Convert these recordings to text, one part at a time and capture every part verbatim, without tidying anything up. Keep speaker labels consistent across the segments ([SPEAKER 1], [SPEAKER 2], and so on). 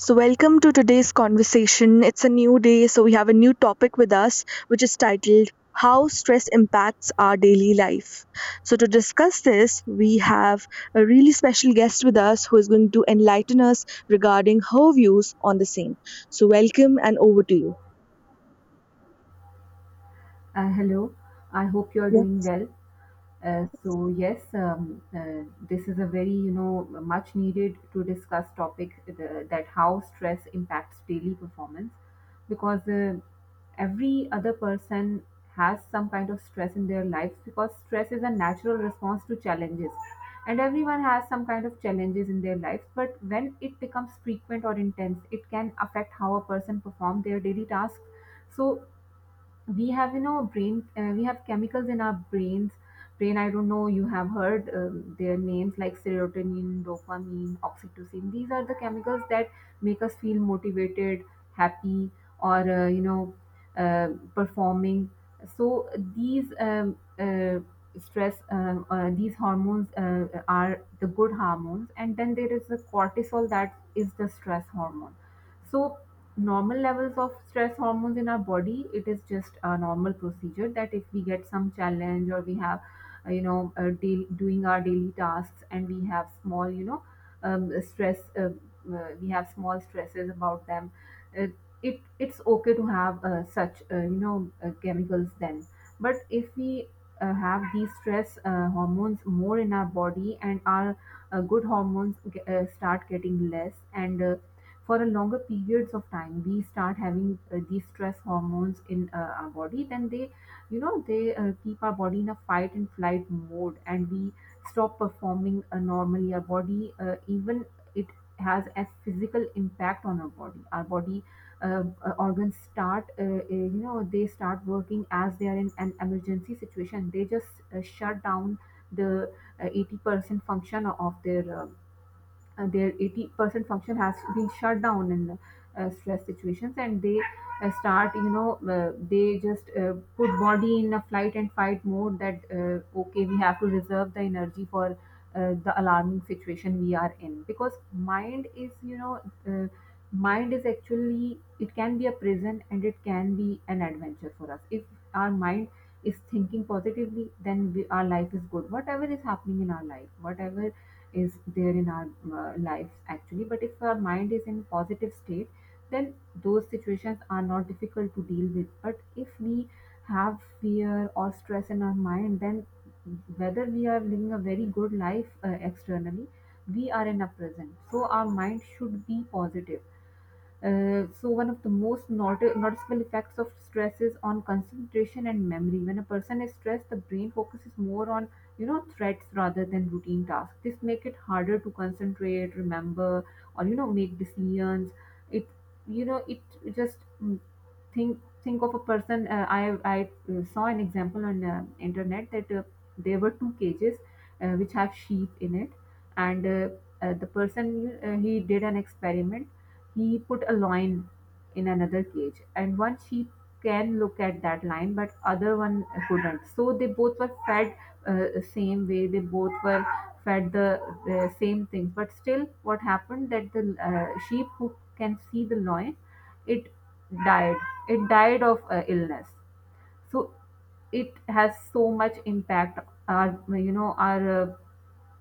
[SPEAKER 1] So, welcome to today's conversation. It's a new day, so we have a new topic with us, which is titled How Stress Impacts Our Daily Life. So, to discuss this, we have a really special guest with us who is going to enlighten us regarding her views on the same. So, welcome and over to you.
[SPEAKER 2] Uh, hello, I hope you are
[SPEAKER 1] Yeah.
[SPEAKER 2] doing well. Uh, so yes, um, uh, this is a very you know much needed to discuss topic the, that how stress impacts daily performance, because uh, every other person has some kind of stress in their lives, because stress is a natural response to challenges, and everyone has some kind of challenges in their lives. But when it becomes frequent or intense, it can affect how a person perform their daily tasks. So we have you know brain uh, we have chemicals in our brains brain I don't know, you have heard um, their names, like serotonin, dopamine, oxytocin. These are the chemicals that make us feel motivated, happy, or uh, you know uh, performing. So these um, uh, stress um, uh, these hormones uh, are the good hormones, and then there is the cortisol, that is the stress hormone. So normal levels of stress hormones in our body, it is just a normal procedure that if we get some challenge, or we have uh, you know uh, daily, doing our daily tasks, and we have small you know um, stress uh, uh, we have small stresses about them, uh, it it's okay to have uh, such uh, you know uh, chemicals then. But if we uh, have these stress uh, hormones more in our body, and our uh, good hormones ge- uh, start getting less, and uh, for a longer periods of time we start having uh, these stress hormones in uh, our body, then they you know they uh, keep our body in a fight and flight mode, and we stop performing uh, normally. Our body uh, even it has a physical impact on our body. Our body uh, uh, organs start uh, uh, you know they start working as they are in an emergency situation. They just uh, shut down the uh, eighty percent function of their uh, uh, their eighty percent function has been shut down in uh, stress situations, and they uh, start you know uh, they just uh, put body in a flight and fight mode, that uh, okay, we have to reserve the energy for uh, the alarming situation we are in, because mind is you know uh, mind is actually, it can be a prison and it can be an adventure for us. If our mind is thinking positively, then we, our life is good, whatever is happening in our life, whatever is there in our uh, lives actually. But if our mind is in positive state, then those situations are not difficult to deal with. But if we have fear or stress in our mind, then whether we are living a very good life uh, externally, we are in a present, so our mind should be positive. Uh, so one of the most not- noticeable effects of stress is on concentration and memory. When a person is stressed, the brain focuses more on you know threats rather than routine tasks. This make it harder to concentrate, remember, or you know make decisions. It, you know it just mm, think think of a person. Uh, I I uh, saw an example on uh, internet that uh, there were two cages uh, which have sheep in it, and uh, uh, the person, uh, he did an experiment. He put a lion in another cage, and one sheep can look at that lion, but other one couldn't. So they both were fed uh, same way. They both were fed the, the same things. But still, what happened that the uh, sheep who can see the lion, it died. It died of uh, illness. So it has so much impact. Our, you know our uh,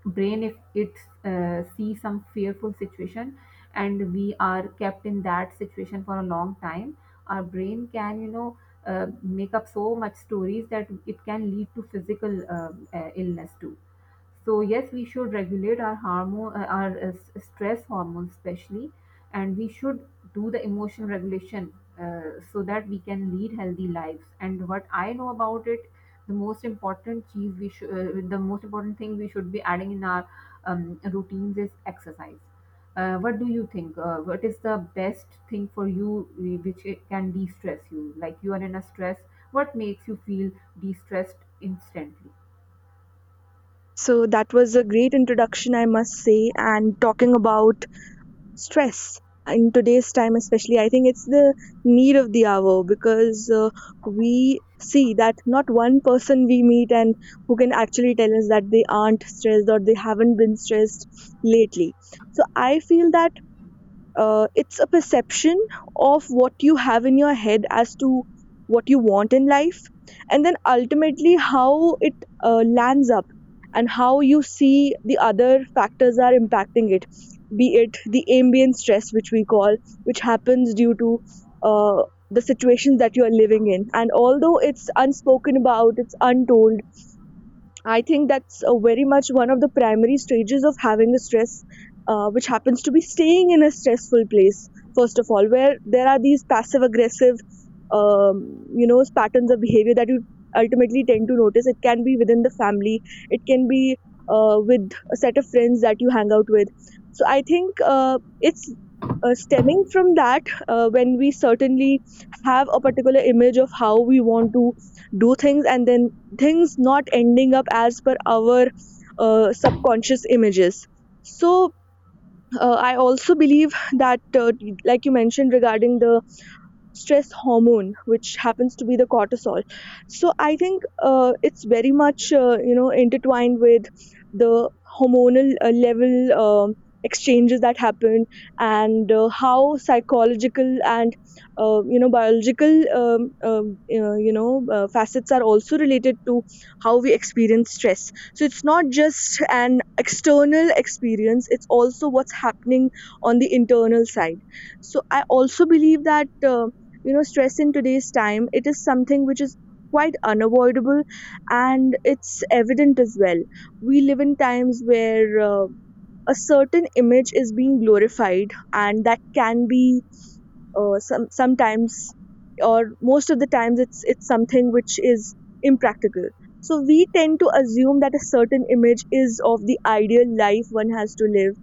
[SPEAKER 2] brain, if it uh, sees some fearful situation and we are kept in that situation for a long time, our brain can you know uh, make up so much stories that it can lead to physical um uh, illness too. So yes, we should regulate our hormone, uh, our uh, s- stress hormones especially, and we should do the emotional regulation, uh, so that we can lead healthy lives. And what I know about it, the most important cheese we should, uh, the most important thing we should be adding in our um, routines is exercise. Uh, what do you think? Uh, what is the best thing for you uh, which it can de-stress you? Like, you are in a stress, what makes you feel de-stressed instantly?
[SPEAKER 1] So, that was a great introduction, I must say. And talking about stress in today's time especially, I think it's the need of the hour, because uh, we see that not one person we meet and who can actually tell us that they aren't stressed or they haven't been stressed lately. So I feel that uh, it's a perception of what you have in your head as to what you want in life, and then ultimately how it uh, lands up, and how you see the other factors are impacting it, be it the ambient stress, which we call, which happens due to uh, the situations that you are living in. And although it's unspoken about, it's untold, I think that's uh, very much one of the primary stages of having a stress, uh, which happens to be staying in a stressful place, first of all, where there are these passive aggressive, um, you know, patterns of behavior that you ultimately tend to notice. It can be within the family, it can be uh, with a set of friends that you hang out with. So I think uh, it's uh, stemming from that uh, when we certainly have a particular image of how we want to do things, and then things not ending up as per our uh, subconscious images. So uh, I also believe that uh, like you mentioned regarding the stress hormone, which happens to be the cortisol. So I think uh, it's very much uh, you know intertwined with the hormonal uh, level um exchanges that happen, and uh, how psychological and uh, you know biological um, um, uh, you know uh, facets are also related to how we experience stress. So it's not just an external experience, it's also what's happening on the internal side. So I also believe that um, you know stress in today's time, it is something which is quite unavoidable, and it's evident as well. We live in times where uh, a certain image is being glorified, and that can be uh, some sometimes, or most of the times it's it's something which is impractical. So we tend to assume that a certain image is of the ideal life one has to live,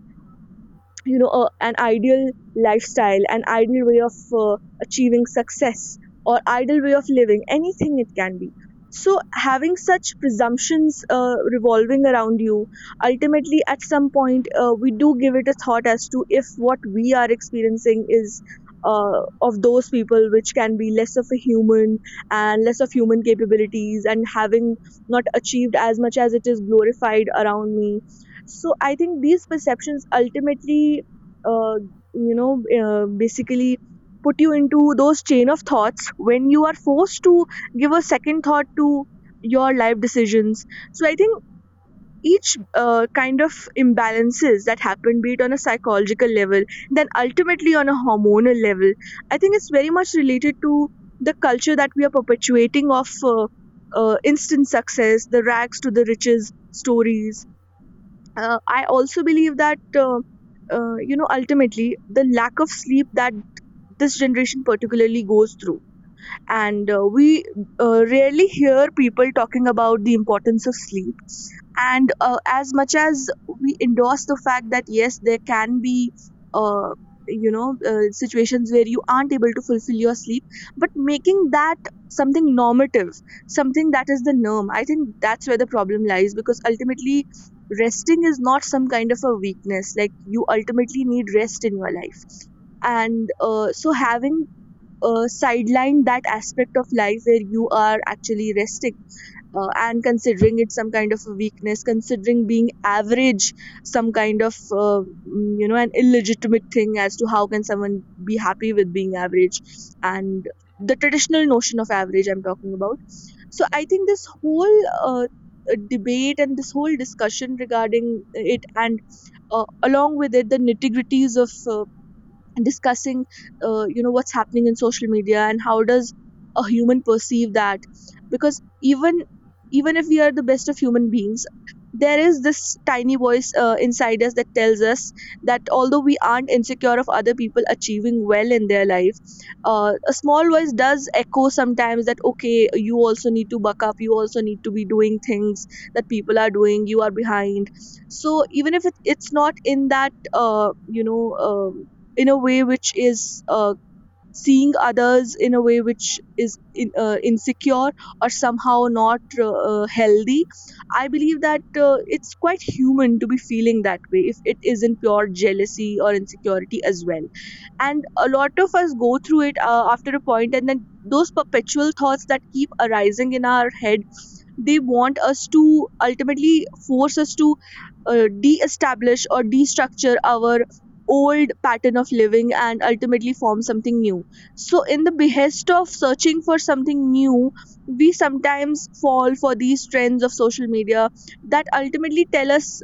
[SPEAKER 1] you know uh, an ideal lifestyle, an ideal way of uh, achieving success, or ideal way of living anything it can be. So having such presumptions uh, revolving around you, ultimately at some point uh, we do give it a thought as to if what we are experiencing is uh, of those people which can be less of a human and less of human capabilities and having not achieved as much as it is glorified around me. So I think these perceptions ultimately, uh, you know, uh, basically put you into those chain of thoughts when you are forced to give a second thought to your life decisions. So I think each uh, kind of imbalances that happen, be it on a psychological level, then ultimately on a hormonal level, I think it's very much related to the culture that we are perpetuating of uh, uh, instant success, the rags to the riches stories. uh, I also believe that uh, uh, you know ultimately the lack of sleep that this generation particularly goes through, and uh, we uh, rarely hear people talking about the importance of sleep, and uh, as much as we endorse the fact that yes there can be uh, you know uh, situations where you aren't able to fulfill your sleep, but making that something normative, something that is the norm, I think that's where the problem lies, because ultimately resting is not some kind of a weakness, like you ultimately need rest in your life. And uh, so having uh, sidelined that aspect of life where you are actually resting, uh, and considering it some kind of a weakness, considering being average some kind of uh, mm, you know an illegitimate thing as to how can someone be happy with being average, and the traditional notion of average I'm talking about. So I think this whole uh, uh, debate and this whole discussion regarding it, and uh, along with it the nitty-gritties of uh, discussing uh, you know what's happening in social media and how does a human perceive that. Because even even if we are the best of human beings, there is this tiny voice uh, inside us that tells us that although we aren't insecure of other people achieving well in their life, uh, a small voice does echo sometimes that okay you also need to buck up, you also need to be doing things that people are doing, you are behind. So even if it, it's not in that uh, you know um, in a way which is uh, seeing others in a way which is in, uh, insecure or somehow not uh, uh, healthy. I believe that uh, it's quite human to be feeling that way if it isn't pure jealousy or insecurity as well, and a lot of us go through it uh, after a point, and then those perpetual thoughts that keep arising in our head, they want us to ultimately force us to uh, de-establish or de-structure our old pattern of living and ultimately form something new. So in the behest of searching for something new, we sometimes fall for these trends of social media that ultimately tell us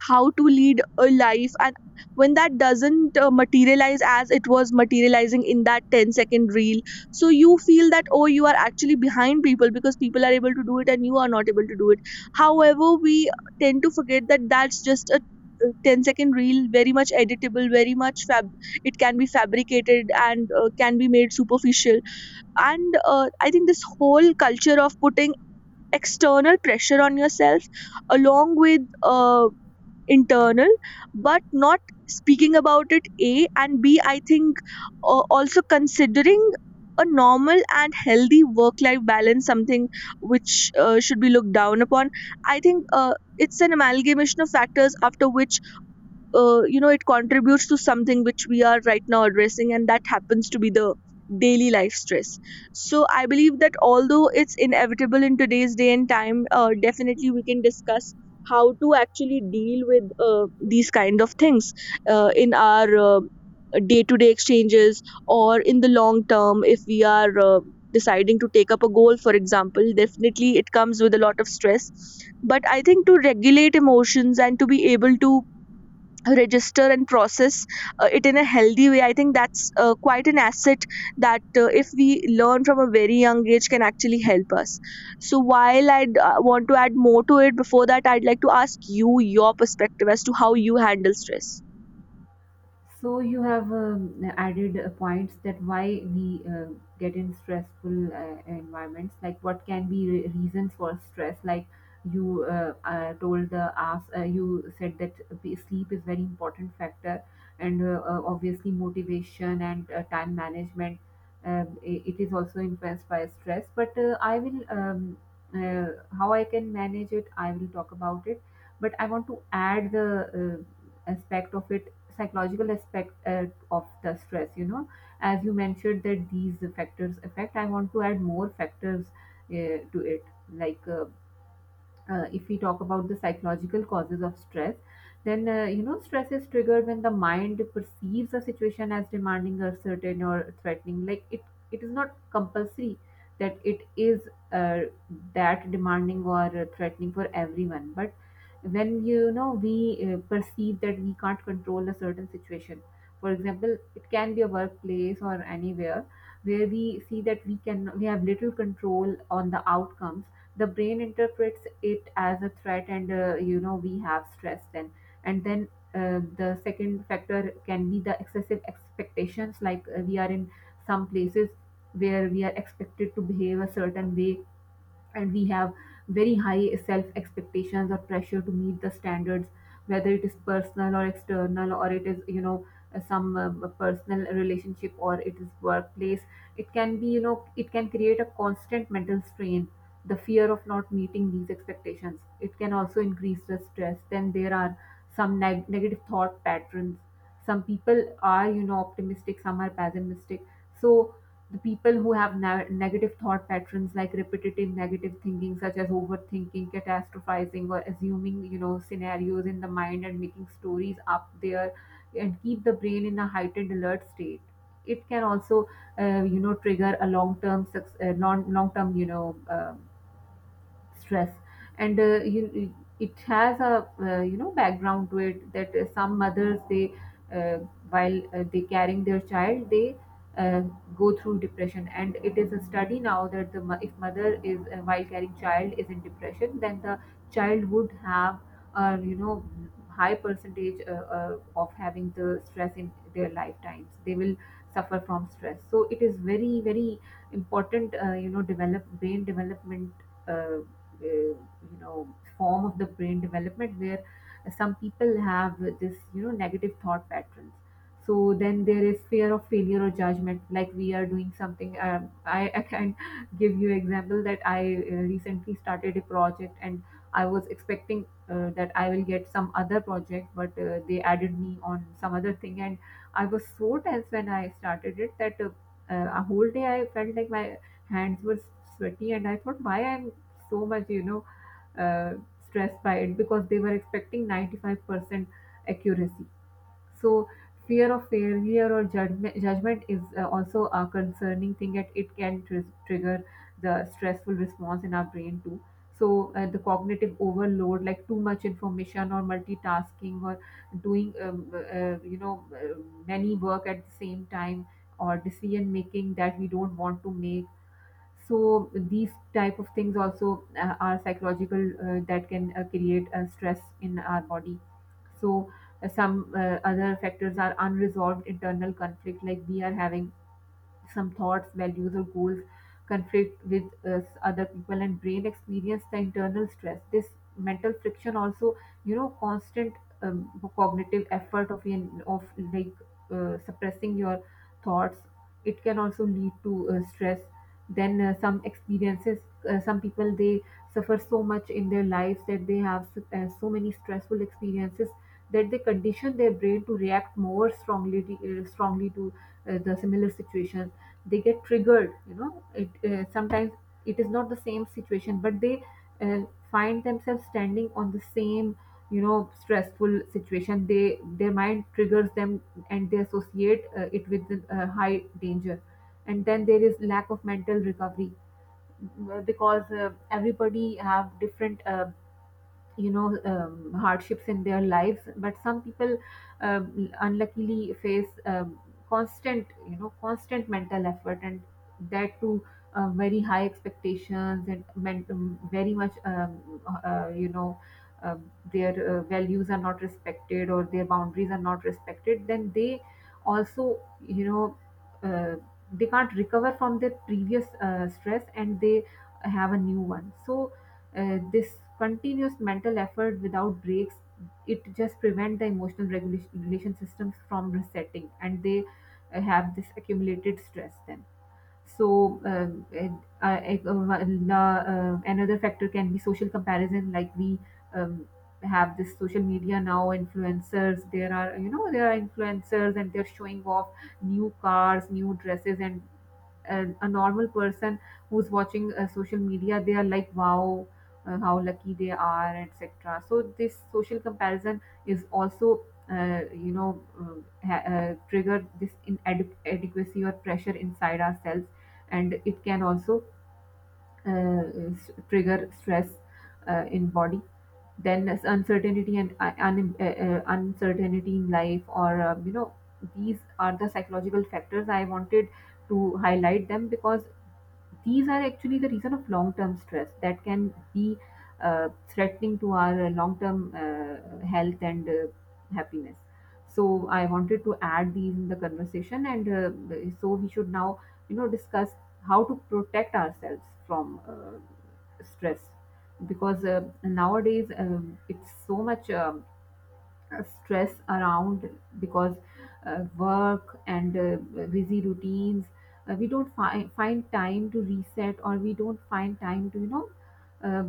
[SPEAKER 1] how to lead a life. And when that doesn't uh, materialize as it was materializing in that ten-second reel, so you feel that oh you are actually behind people because people are able to do it and you are not able to do it. However, we tend to forget that that's just a uh, ten second reel, very much editable, very much fab, it can be fabricated and uh, can be made superficial. And uh, I think this whole culture of putting external pressure on yourself along with uh, internal, but not speaking about it a and b. I think uh, also considering a normal and healthy work life balance something which uh, should be looked down upon. I think uh, it's an amalgamation of factors, after which uh, you know it contributes to something which we are right now addressing, and that happens to be the daily life stress. So I believe that although it's inevitable in today's day and time, uh, definitely we can discuss how to actually deal with uh, these kind of things uh, in our uh, day-to-day exchanges, or in the long term if we are uh, deciding to take up a goal, for example, definitely it comes with a lot of stress. But I think to regulate emotions and to be able to register and process uh, it in a healthy way, I think that's uh, quite an asset that uh, if we learn from a very young age can actually help us. So while I uh, want to add more to it, before that I'd like to ask you your perspective as to how you handle stress.
[SPEAKER 2] So you have um, added uh, points that why we uh, get in stressful uh, environments. Like, what can be re- reasons for stress? Like, you uh, uh, told the ask, uh, you said that the sleep is very important factor, and uh, uh, obviously motivation and uh, time management. Um, i- it is also influenced by stress. But uh, I will um, uh, how I can manage it, I will talk about it. But I want to add the uh, aspect of it, psychological aspect uh, of the stress, you know as you mentioned that these factors affect. I want to add more factors uh, to it. like uh, uh, if we talk about the psychological causes of stress, then uh, you know stress is triggered when the mind perceives a situation as demanding, uncertain, or threatening. Like, it it is not compulsory that it is uh, that demanding or uh, threatening for everyone. But when, you know we uh, perceive that we can't control a certain situation, for example it can be a workplace or anywhere, where we see that we can, we have little control on the outcomes, the brain interprets it as a threat, and uh, you know we have stress then. And then uh, the second factor can be the excessive expectations. Like, uh, we are in some places where we are expected to behave a certain way, and we have very high self expectations or pressure to meet the standards, whether it is personal or external, or it is, you know uh, some uh, personal relationship, or it is workplace. It can be, you know it can create a constant mental strain. The fear of not meeting these expectations, it can also increase the stress. Then there are some neg- negative thought patterns. Some people are, you know optimistic, some are pessimistic. So the people who have na- negative thought patterns, like repetitive negative thinking, such as overthinking, catastrophizing, or assuming, you know scenarios in the mind and making stories up there, and keep the brain in a heightened alert state, it can also uh, you know trigger a long term, long long term, you know uh, stress. And uh, you, it has a uh, you know background to it, that uh, some mothers, they uh, while uh, they carrying their child, they uh, go through depression, and it is a study now that the mo- if mother is uh, while carrying child is in depression, then the child would have uh, you know high percentage uh, uh, of having the stress in their lifetimes. They will suffer from stress. So it is very very important, uh, you know develop brain development, uh, uh, you know form of the brain development, where some people have this, you know negative thought patterns. So then there is fear of failure or judgment. Like, we are doing something. Um, I, I can give you example that I uh, recently started a project, and I was expecting uh, that I will get some other project, but uh, they added me on some other thing, and I was so tense when I started it that uh, uh, a whole day I felt like my hands were sweaty, and I thought why I'm so much, you know uh, stressed by it, because they were expecting ninety-five percent accuracy. So fear of failure or judgment, judgment is uh, also a concerning thing, that it can tr- trigger the stressful response in our brain too. So uh, the cognitive overload, like too much information or multitasking, or doing um, uh, you know uh, many work at the same time, or decision making that we don't want to make, so these type of things also uh, are psychological uh, that can uh, create uh, stress in our body. So uh, some uh, other factors are unresolved internal conflict. Like, we are having some thoughts, values, or goals conflict with uh, other people, and brain experience the internal stress. This mental friction also, you know constant um, cognitive effort of in- of like uh, suppressing your thoughts, it can also lead to uh, stress. Then uh, some experiences, uh, some people, they suffer so much in their lives that they have s- uh, so many stressful experiences, that they condition their brain to react more strongly to- uh, strongly to uh, the similar situations. They get triggered, you know it uh, sometimes, it is not the same situation, but they uh, find themselves standing on the same, you know stressful situation, they their Mind triggers them, and they associate uh, it with uh, high danger. And then there is lack of mental recovery, uh, because uh, everybody have different, uh, you know um, hardships in their lives. But some people um, unluckily face um, constant, you know constant mental effort, and that too, uh, very high expectations, and men- um, very much, um, uh, you know um their uh, values are not respected, or their boundaries are not respected. Then they also, you know uh, they can't recover from their previous uh, stress and they have a new one. So uh, this continuous mental effort without breaks, it just prevent the emotional regulation, regulation systems from resetting, and they uh, have this accumulated stress. Then so, um, and, uh, ec- uh, la- uh, another factor can be social comparison. Like, we um, have this social media now, influencers. There are, you know, there are influencers and they're showing off new cars, new dresses, and a, a normal person who's watching uh, social media, they are like, wow, uh, how lucky they are, et cetera. So this social comparison is also, uh, you know, um, ha- uh, trigger this inadequacy or pressure inside ourselves. And it can also uh, s- trigger stress uh, in body. Then as uncertainty and uh, un- uh, uh, uncertainty in life, or uh, you know these are the psychological factors I wanted to highlight them, because these are actually the reason of long-term stress that can be uh, threatening to our uh, long-term uh, health and uh, happiness. So I wanted to add these in the conversation, and uh, so we should now, you know, discuss how to protect ourselves from uh, stress, because uh, nowadays um, it's so much um uh, stress around, because uh, work and uh, busy routines, uh, we don't fi- find time to reset, or we don't find time to, you know um,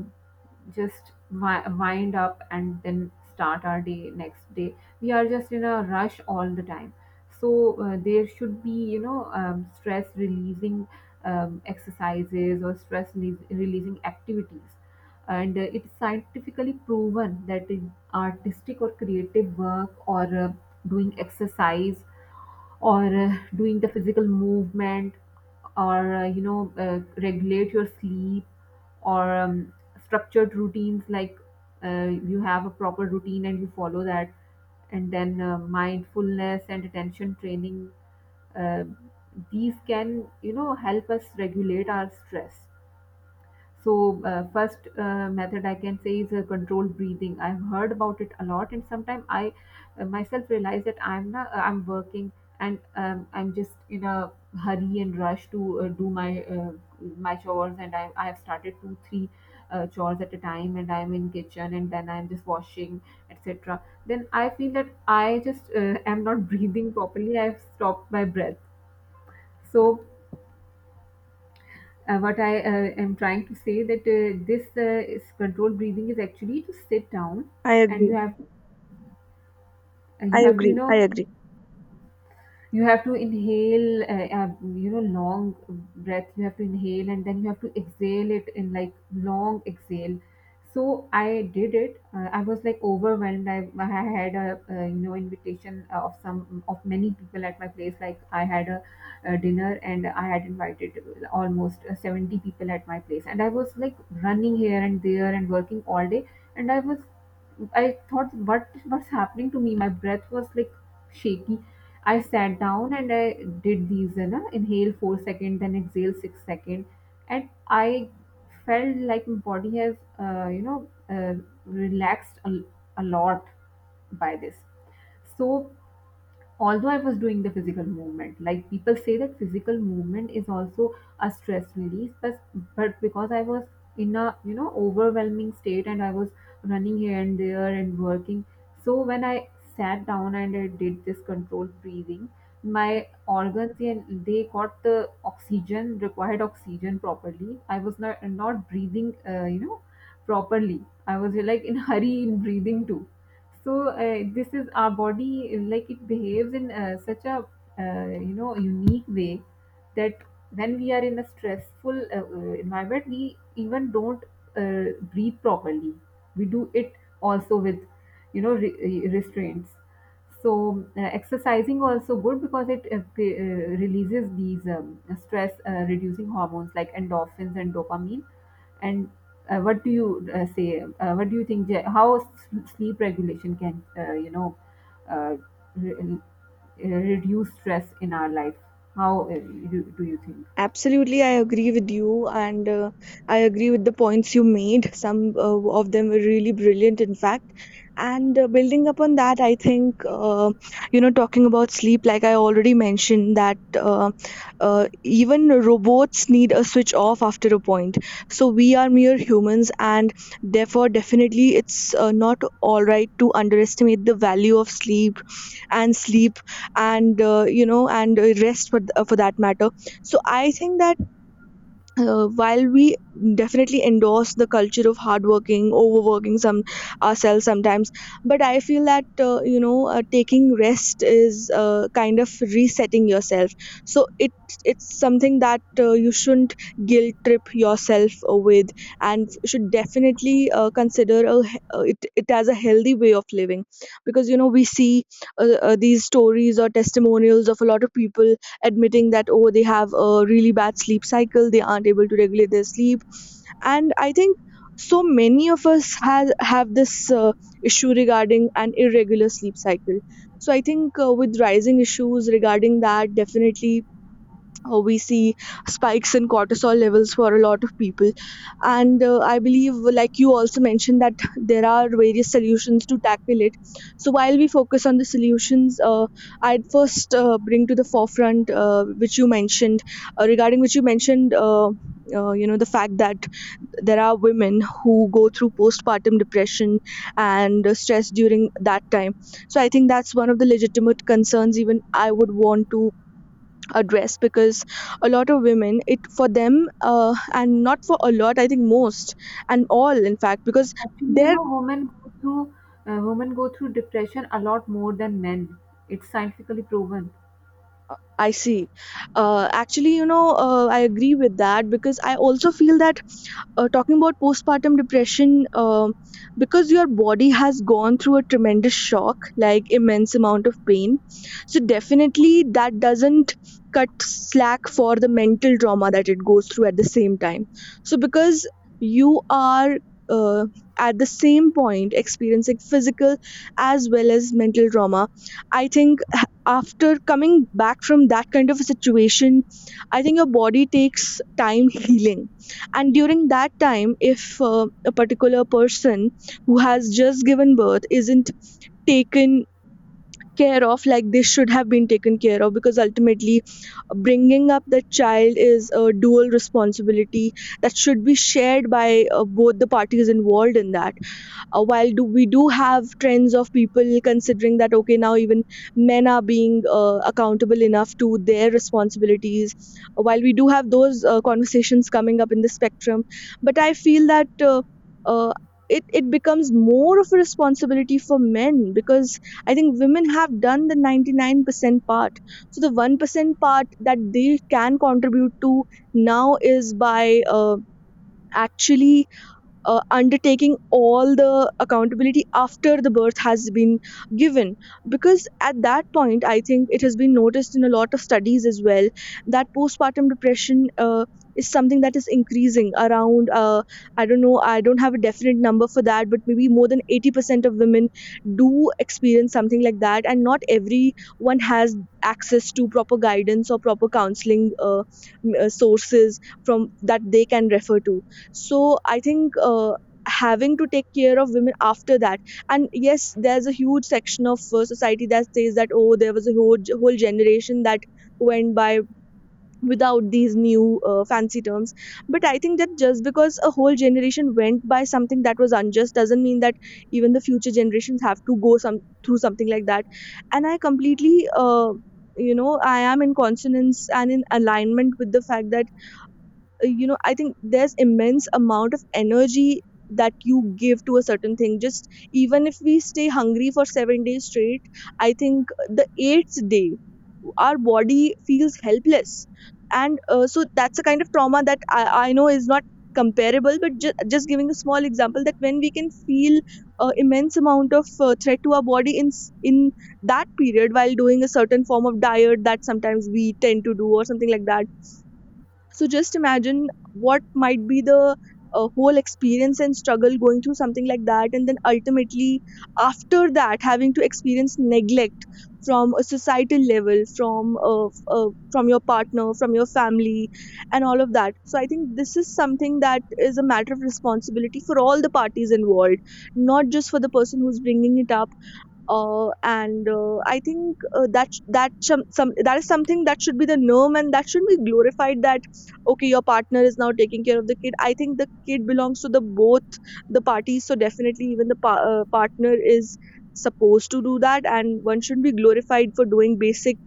[SPEAKER 2] just wi- wind up and then start our day next day. We are just in a rush all the time. So uh, there should be, you know um, stress releasing um, exercises, or stress releas- releasing activities. And uh, it's scientifically proven that in artistic or creative work, or uh, doing exercise, or uh, doing the physical movement, or uh, you know uh, regulate your sleep, or um, structured routines, like uh, you have a proper routine and you follow that, and then uh, mindfulness and attention training, uh, these can, you know, help us regulate our stress. So uh, first uh, method I can say is uh, controlled breathing. I've heard about it a lot, and sometimes I uh, myself realize that I'm not, uh, I'm working, and um, I'm just in a hurry and rush to uh, do my uh, my chores, and I I have started two three uh, chores at a time, and I'm in kitchen, and then I'm just washing, et cetera. Then I feel that I just uh, am not breathing properly. I've stopped my breath. So uh, what I uh, am trying to say that uh, this uh, is controlled breathing is actually to sit down,
[SPEAKER 1] I
[SPEAKER 2] and you
[SPEAKER 1] agree.
[SPEAKER 2] have uh, you
[SPEAKER 1] I
[SPEAKER 2] have to, you
[SPEAKER 1] agree.
[SPEAKER 2] know,
[SPEAKER 1] I agree.
[SPEAKER 2] you have to inhale, uh, uh, you know long breath you have to inhale, and then you have to exhale it in like long exhale. So I did it. uh, I was like overwhelmed. i, I had a, uh, you know invitation of some of many people at my place. Like, I had a, a dinner, and I had invited almost uh, seventy people at my place, and I was like running here and there and working all day. And I was, I thought, what was happening to me? My breath was like shaky. I sat down and I did these, you know, inhale four seconds, then exhale six seconds, and I felt like my body has, uh, you know, uh, relaxed a, a lot by this. So although I was doing the physical movement. Like people say that physical movement is also a stress release, but but because I was in a, you know, overwhelming state, and I was running here and there and working, so when I sat down and I did this controlled breathing, my organs and they got the oxygen, required oxygen properly. I was not not breathing, uh, you know properly. I was like in hurry in breathing too. So uh, this is our body, uh, like it behaves in uh, such a, uh, you know unique way that when we are in a stressful uh, uh, environment, we even don't uh, breathe properly. We do it also with, you know re- uh, restraints. So uh, exercising also good, because it uh, p- uh, releases these um, stress uh, reducing hormones like endorphins and dopamine. And uh, what do you uh, say? Uh, what do you think? Je- How s- sleep regulation can, uh, you know uh, re- uh, reduce stress in our life? How uh, do, do you think?
[SPEAKER 1] Absolutely, I agree with you, and uh, I agree with the points you made. Some uh, of them were really brilliant, in fact. And uh, building upon that, I think, uh, you know, talking about sleep, like I already mentioned, that uh, uh, even robots need a switch off after a point. So we are mere humans, and therefore, definitely, it's uh, not all right to underestimate the value of sleep and sleep and, uh, you know, and uh, rest for, th- for that matter. So I think that uh, while we definitely endorse the culture of hardworking, overworking some ourselves sometimes, but I feel that uh, you know uh, taking rest is uh, kind of resetting yourself. So it it's something that uh, you shouldn't guilt trip yourself with, and should definitely uh, consider a, he- uh, it it as a healthy way of living, because you know we see uh, uh, these stories or testimonials of a lot of people admitting that oh they have a really bad sleep cycle, they aren't able to regulate their sleep. And I think so many of us have have this uh, issue regarding an irregular sleep cycle. So I think uh, with rising issues regarding that, definitely uh, we see spikes in cortisol levels for a lot of people. And uh, I believe, like you also mentioned, that there are various solutions to tackle it. So while we focus on the solutions, uh, I'd first uh, bring to the forefront uh, which you mentioned uh, regarding which you mentioned uh, uh, you know, the fact that there are women who go through postpartum depression and uh, stress during that time. So I think that's one of the legitimate concerns even I would want to address, because a lot of women, it for them, uh, and not for a lot, I think most and all in fact, because
[SPEAKER 2] Actually, you
[SPEAKER 1] they're
[SPEAKER 2] know, women go through, uh, women go through depression a lot more than men. It's scientifically proven.
[SPEAKER 1] uh, I see. Uh, actually, you know, uh, I agree with that because I also feel that, uh, talking about postpartum depression, um because your body has gone through a tremendous shock, like immense amount of pain. So definitely that doesn't cut slack for the mental trauma that it goes through at the same time. So because you are uh, at the same point experiencing physical as well as mental trauma, I think h- after coming back from that kind of a situation, I think your body takes time healing. And during that time, if uh, a particular person who has just given birth isn't taken care of like they should have been taken care of, because ultimately uh, bringing up the child is a dual responsibility that should be shared by uh, both the parties involved in that. Uh, while do we do have trends of people considering that, okay, now even men are being uh, accountable enough to their responsibilities. Uh, while we do have those uh, conversations coming up in the spectrum, but I feel that uh, uh, it, it becomes more of a responsibility for men because I think women have done the ninety-nine percent part. So, the one percent part that they can contribute to now is by uh, actually uh, undertaking all the accountability after the birth has been given, because at that point I think it has been noticed in a lot of studies as well that postpartum depression uh, is something that is increasing around. uh, I don't know, I don't have a definite number for that, but maybe more than eighty percent of women do experience something like that, and not everyone has access to proper guidance or proper counseling uh, m- uh, sources from that they can refer to. So I think uh, having to take care of women after that. And yes, there's a huge section of uh, society that says that, oh, there was a whole, whole generation that went by without these new uh, fancy terms. But I think that just because a whole generation went by something that was unjust doesn't mean that even the future generations have to go some through something like that. And I completely uh, you know, I am in consonance and in alignment with the fact that uh, you know, I think there's immense amount of energy that you give to a certain thing. Just even if we stay hungry for seven days straight, I think the eighth day our body feels helpless. And uh, so that's the kind of trauma that i, I know is not comparable, but ju- just giving a small example that when we can feel uh, immense amount of uh, threat to our body in s- in that period while doing a certain form of diet that sometimes we tend to do or something like that. So just imagine what might be the uh, whole experience and struggle going through something like that, and then ultimately, after that, having to experience neglect from a societal level, from uh, f- uh, from your partner, from your family, and all of that. So I think this is something that is a matter of responsibility for all the parties involved, not just for the person who's bringing it up. Uh, and uh, I think uh, that that some, some that is something that should be the norm and that should be glorified. That okay, your partner is now taking care of the kid. I think the kid belongs to the both the parties, so definitely even the pa- uh, partner is supposed to do that, and one should be glorified for doing basic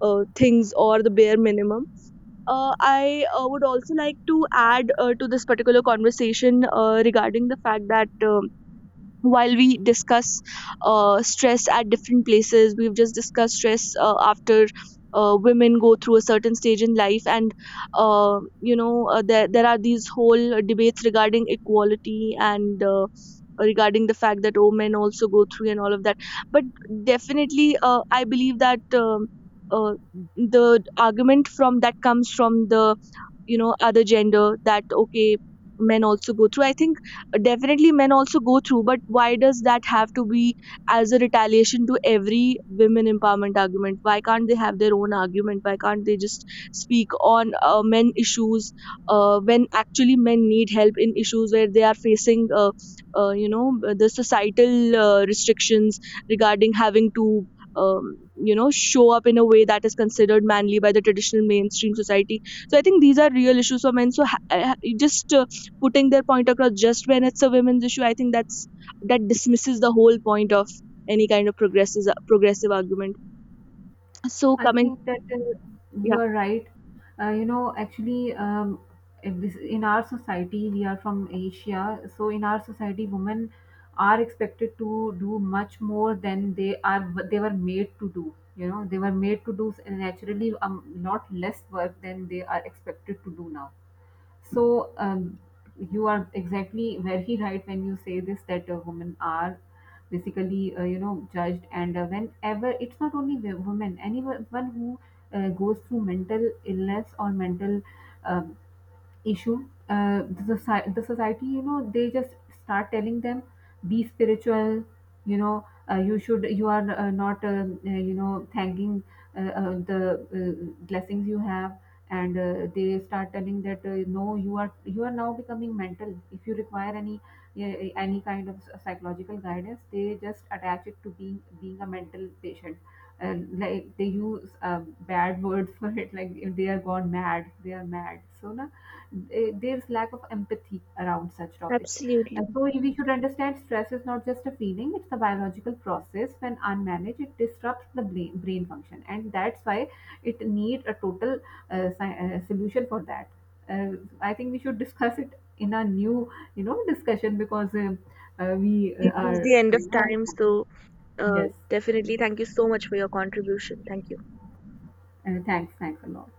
[SPEAKER 1] uh, things or the bare minimum. Uh, I uh, would also like to add uh, to this particular conversation uh, regarding the fact that. Um, while we discuss uh, stress at different places, we've just discussed stress uh, after uh, women go through a certain stage in life. And uh, you know, uh, there, there are these whole uh, debates regarding equality and uh, regarding the fact that, oh, men also go through and all of that. But definitely uh, I believe that um, uh, the argument from that comes from the, you know, other gender, that okay, men also go through. I think definitely men also go through, but why does that have to be as a retaliation to every women empowerment argument? Why can't they have their own argument? Why can't they just speak on uh, men issues uh, when actually men need help in issues where they are facing uh, uh, you know, the societal uh, restrictions regarding having to um, you know, show up in a way that is considered manly by the traditional mainstream society. So I think these are real issues for men. So ha- ha- just uh, putting their point across just when it's a women's issue, I think that's that dismisses the whole point of any kind of progressive progressive argument. So
[SPEAKER 2] I
[SPEAKER 1] coming,
[SPEAKER 2] think that uh,
[SPEAKER 1] yeah,
[SPEAKER 2] you are right. Uh, you know, actually, um, if this in our society, we are from Asia, so in our society, women are expected to do much more than they are they were made to do. You know, they were made to do s- naturally, um, lot less work than they are expected to do now. So um, you are exactly very right when you say this, that uh, women are basically, uh, you know judged. And uh, whenever, it's not only wo- women, anyone who uh, goes through mental illness or mental uh, issue, Uh, the, soci- the society, you know, they just start telling them, be spiritual. You know, uh, you should, you are uh, not, um, uh, you know, thanking uh, uh, the uh, blessings you have. And uh, they start telling that uh, no, you are you are now becoming mental. If you require any uh, any kind of psychological guidance, they just attach it to being being a mental patient. And like they use um, bad words for it, like if they are gone mad, they are mad, so na, eh, there's lack of empathy around such topics.
[SPEAKER 1] absolutely.
[SPEAKER 2] And so we should understand stress is not just a feeling; it's a biological process. When unmanaged, it disrupts the brain, brain function, and that's why it need a total uh, sci- uh, solution for that. Uh, I think we should discuss it in a new, you know, discussion, because um uh, we uh,
[SPEAKER 1] It is
[SPEAKER 2] are,
[SPEAKER 1] the end of
[SPEAKER 2] you know,
[SPEAKER 1] time, so uh,
[SPEAKER 2] yes.
[SPEAKER 1] definitely thank you so much for your contribution. Thank you.
[SPEAKER 2] Uh, thanks, thanks a lot.